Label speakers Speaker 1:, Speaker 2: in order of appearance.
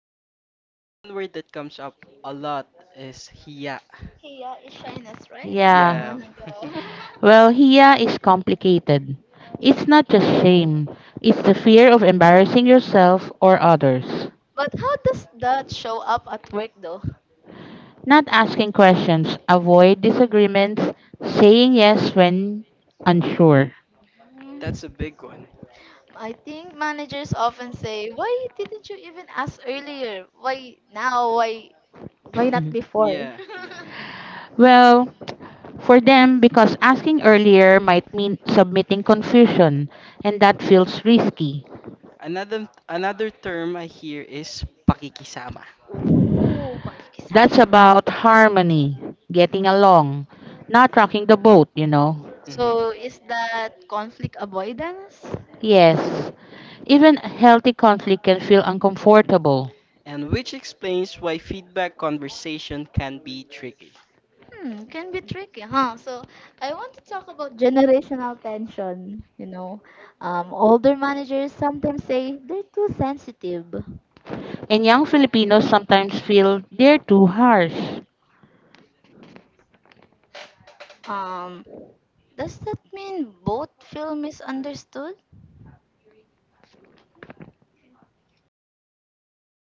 Speaker 1: concepts. One word that comes up a lot is hiya.
Speaker 2: Yeah, is shyness, right?
Speaker 3: Yeah.
Speaker 1: Yeah,
Speaker 2: Yeah.
Speaker 3: Well, Hia is complicated. It's not just shame, it's the fear of embarrassing yourself or others.
Speaker 2: But how does that show up at work though?
Speaker 3: Not asking questions, avoid disagreements, saying yes when unsure.
Speaker 1: that's a big one.
Speaker 2: I think managers often say, "Why didn't you even ask earlier? Why now? Why not
Speaker 3: Mhm.
Speaker 2: before?"
Speaker 1: Yeah, yeah.
Speaker 3: Well, for them, because asking earlier might mean submitting confusion, and that feels risky.
Speaker 1: Another term I hear is pakikisama.
Speaker 3: That's about harmony, getting along, not rocking the boat.
Speaker 2: So
Speaker 1: Mhm.
Speaker 2: is that conflict avoidance?
Speaker 3: Yes, even healthy conflict can feel uncomfortable,
Speaker 1: And which explains why feedback conversation can be tricky.
Speaker 2: Hmm, can be tricky, huh? So I want to talk about generational tension, Older managers sometimes say they're too sensitive.
Speaker 3: and young Filipinos sometimes feel they're too harsh.
Speaker 2: um. Does that mean both feel misunderstood?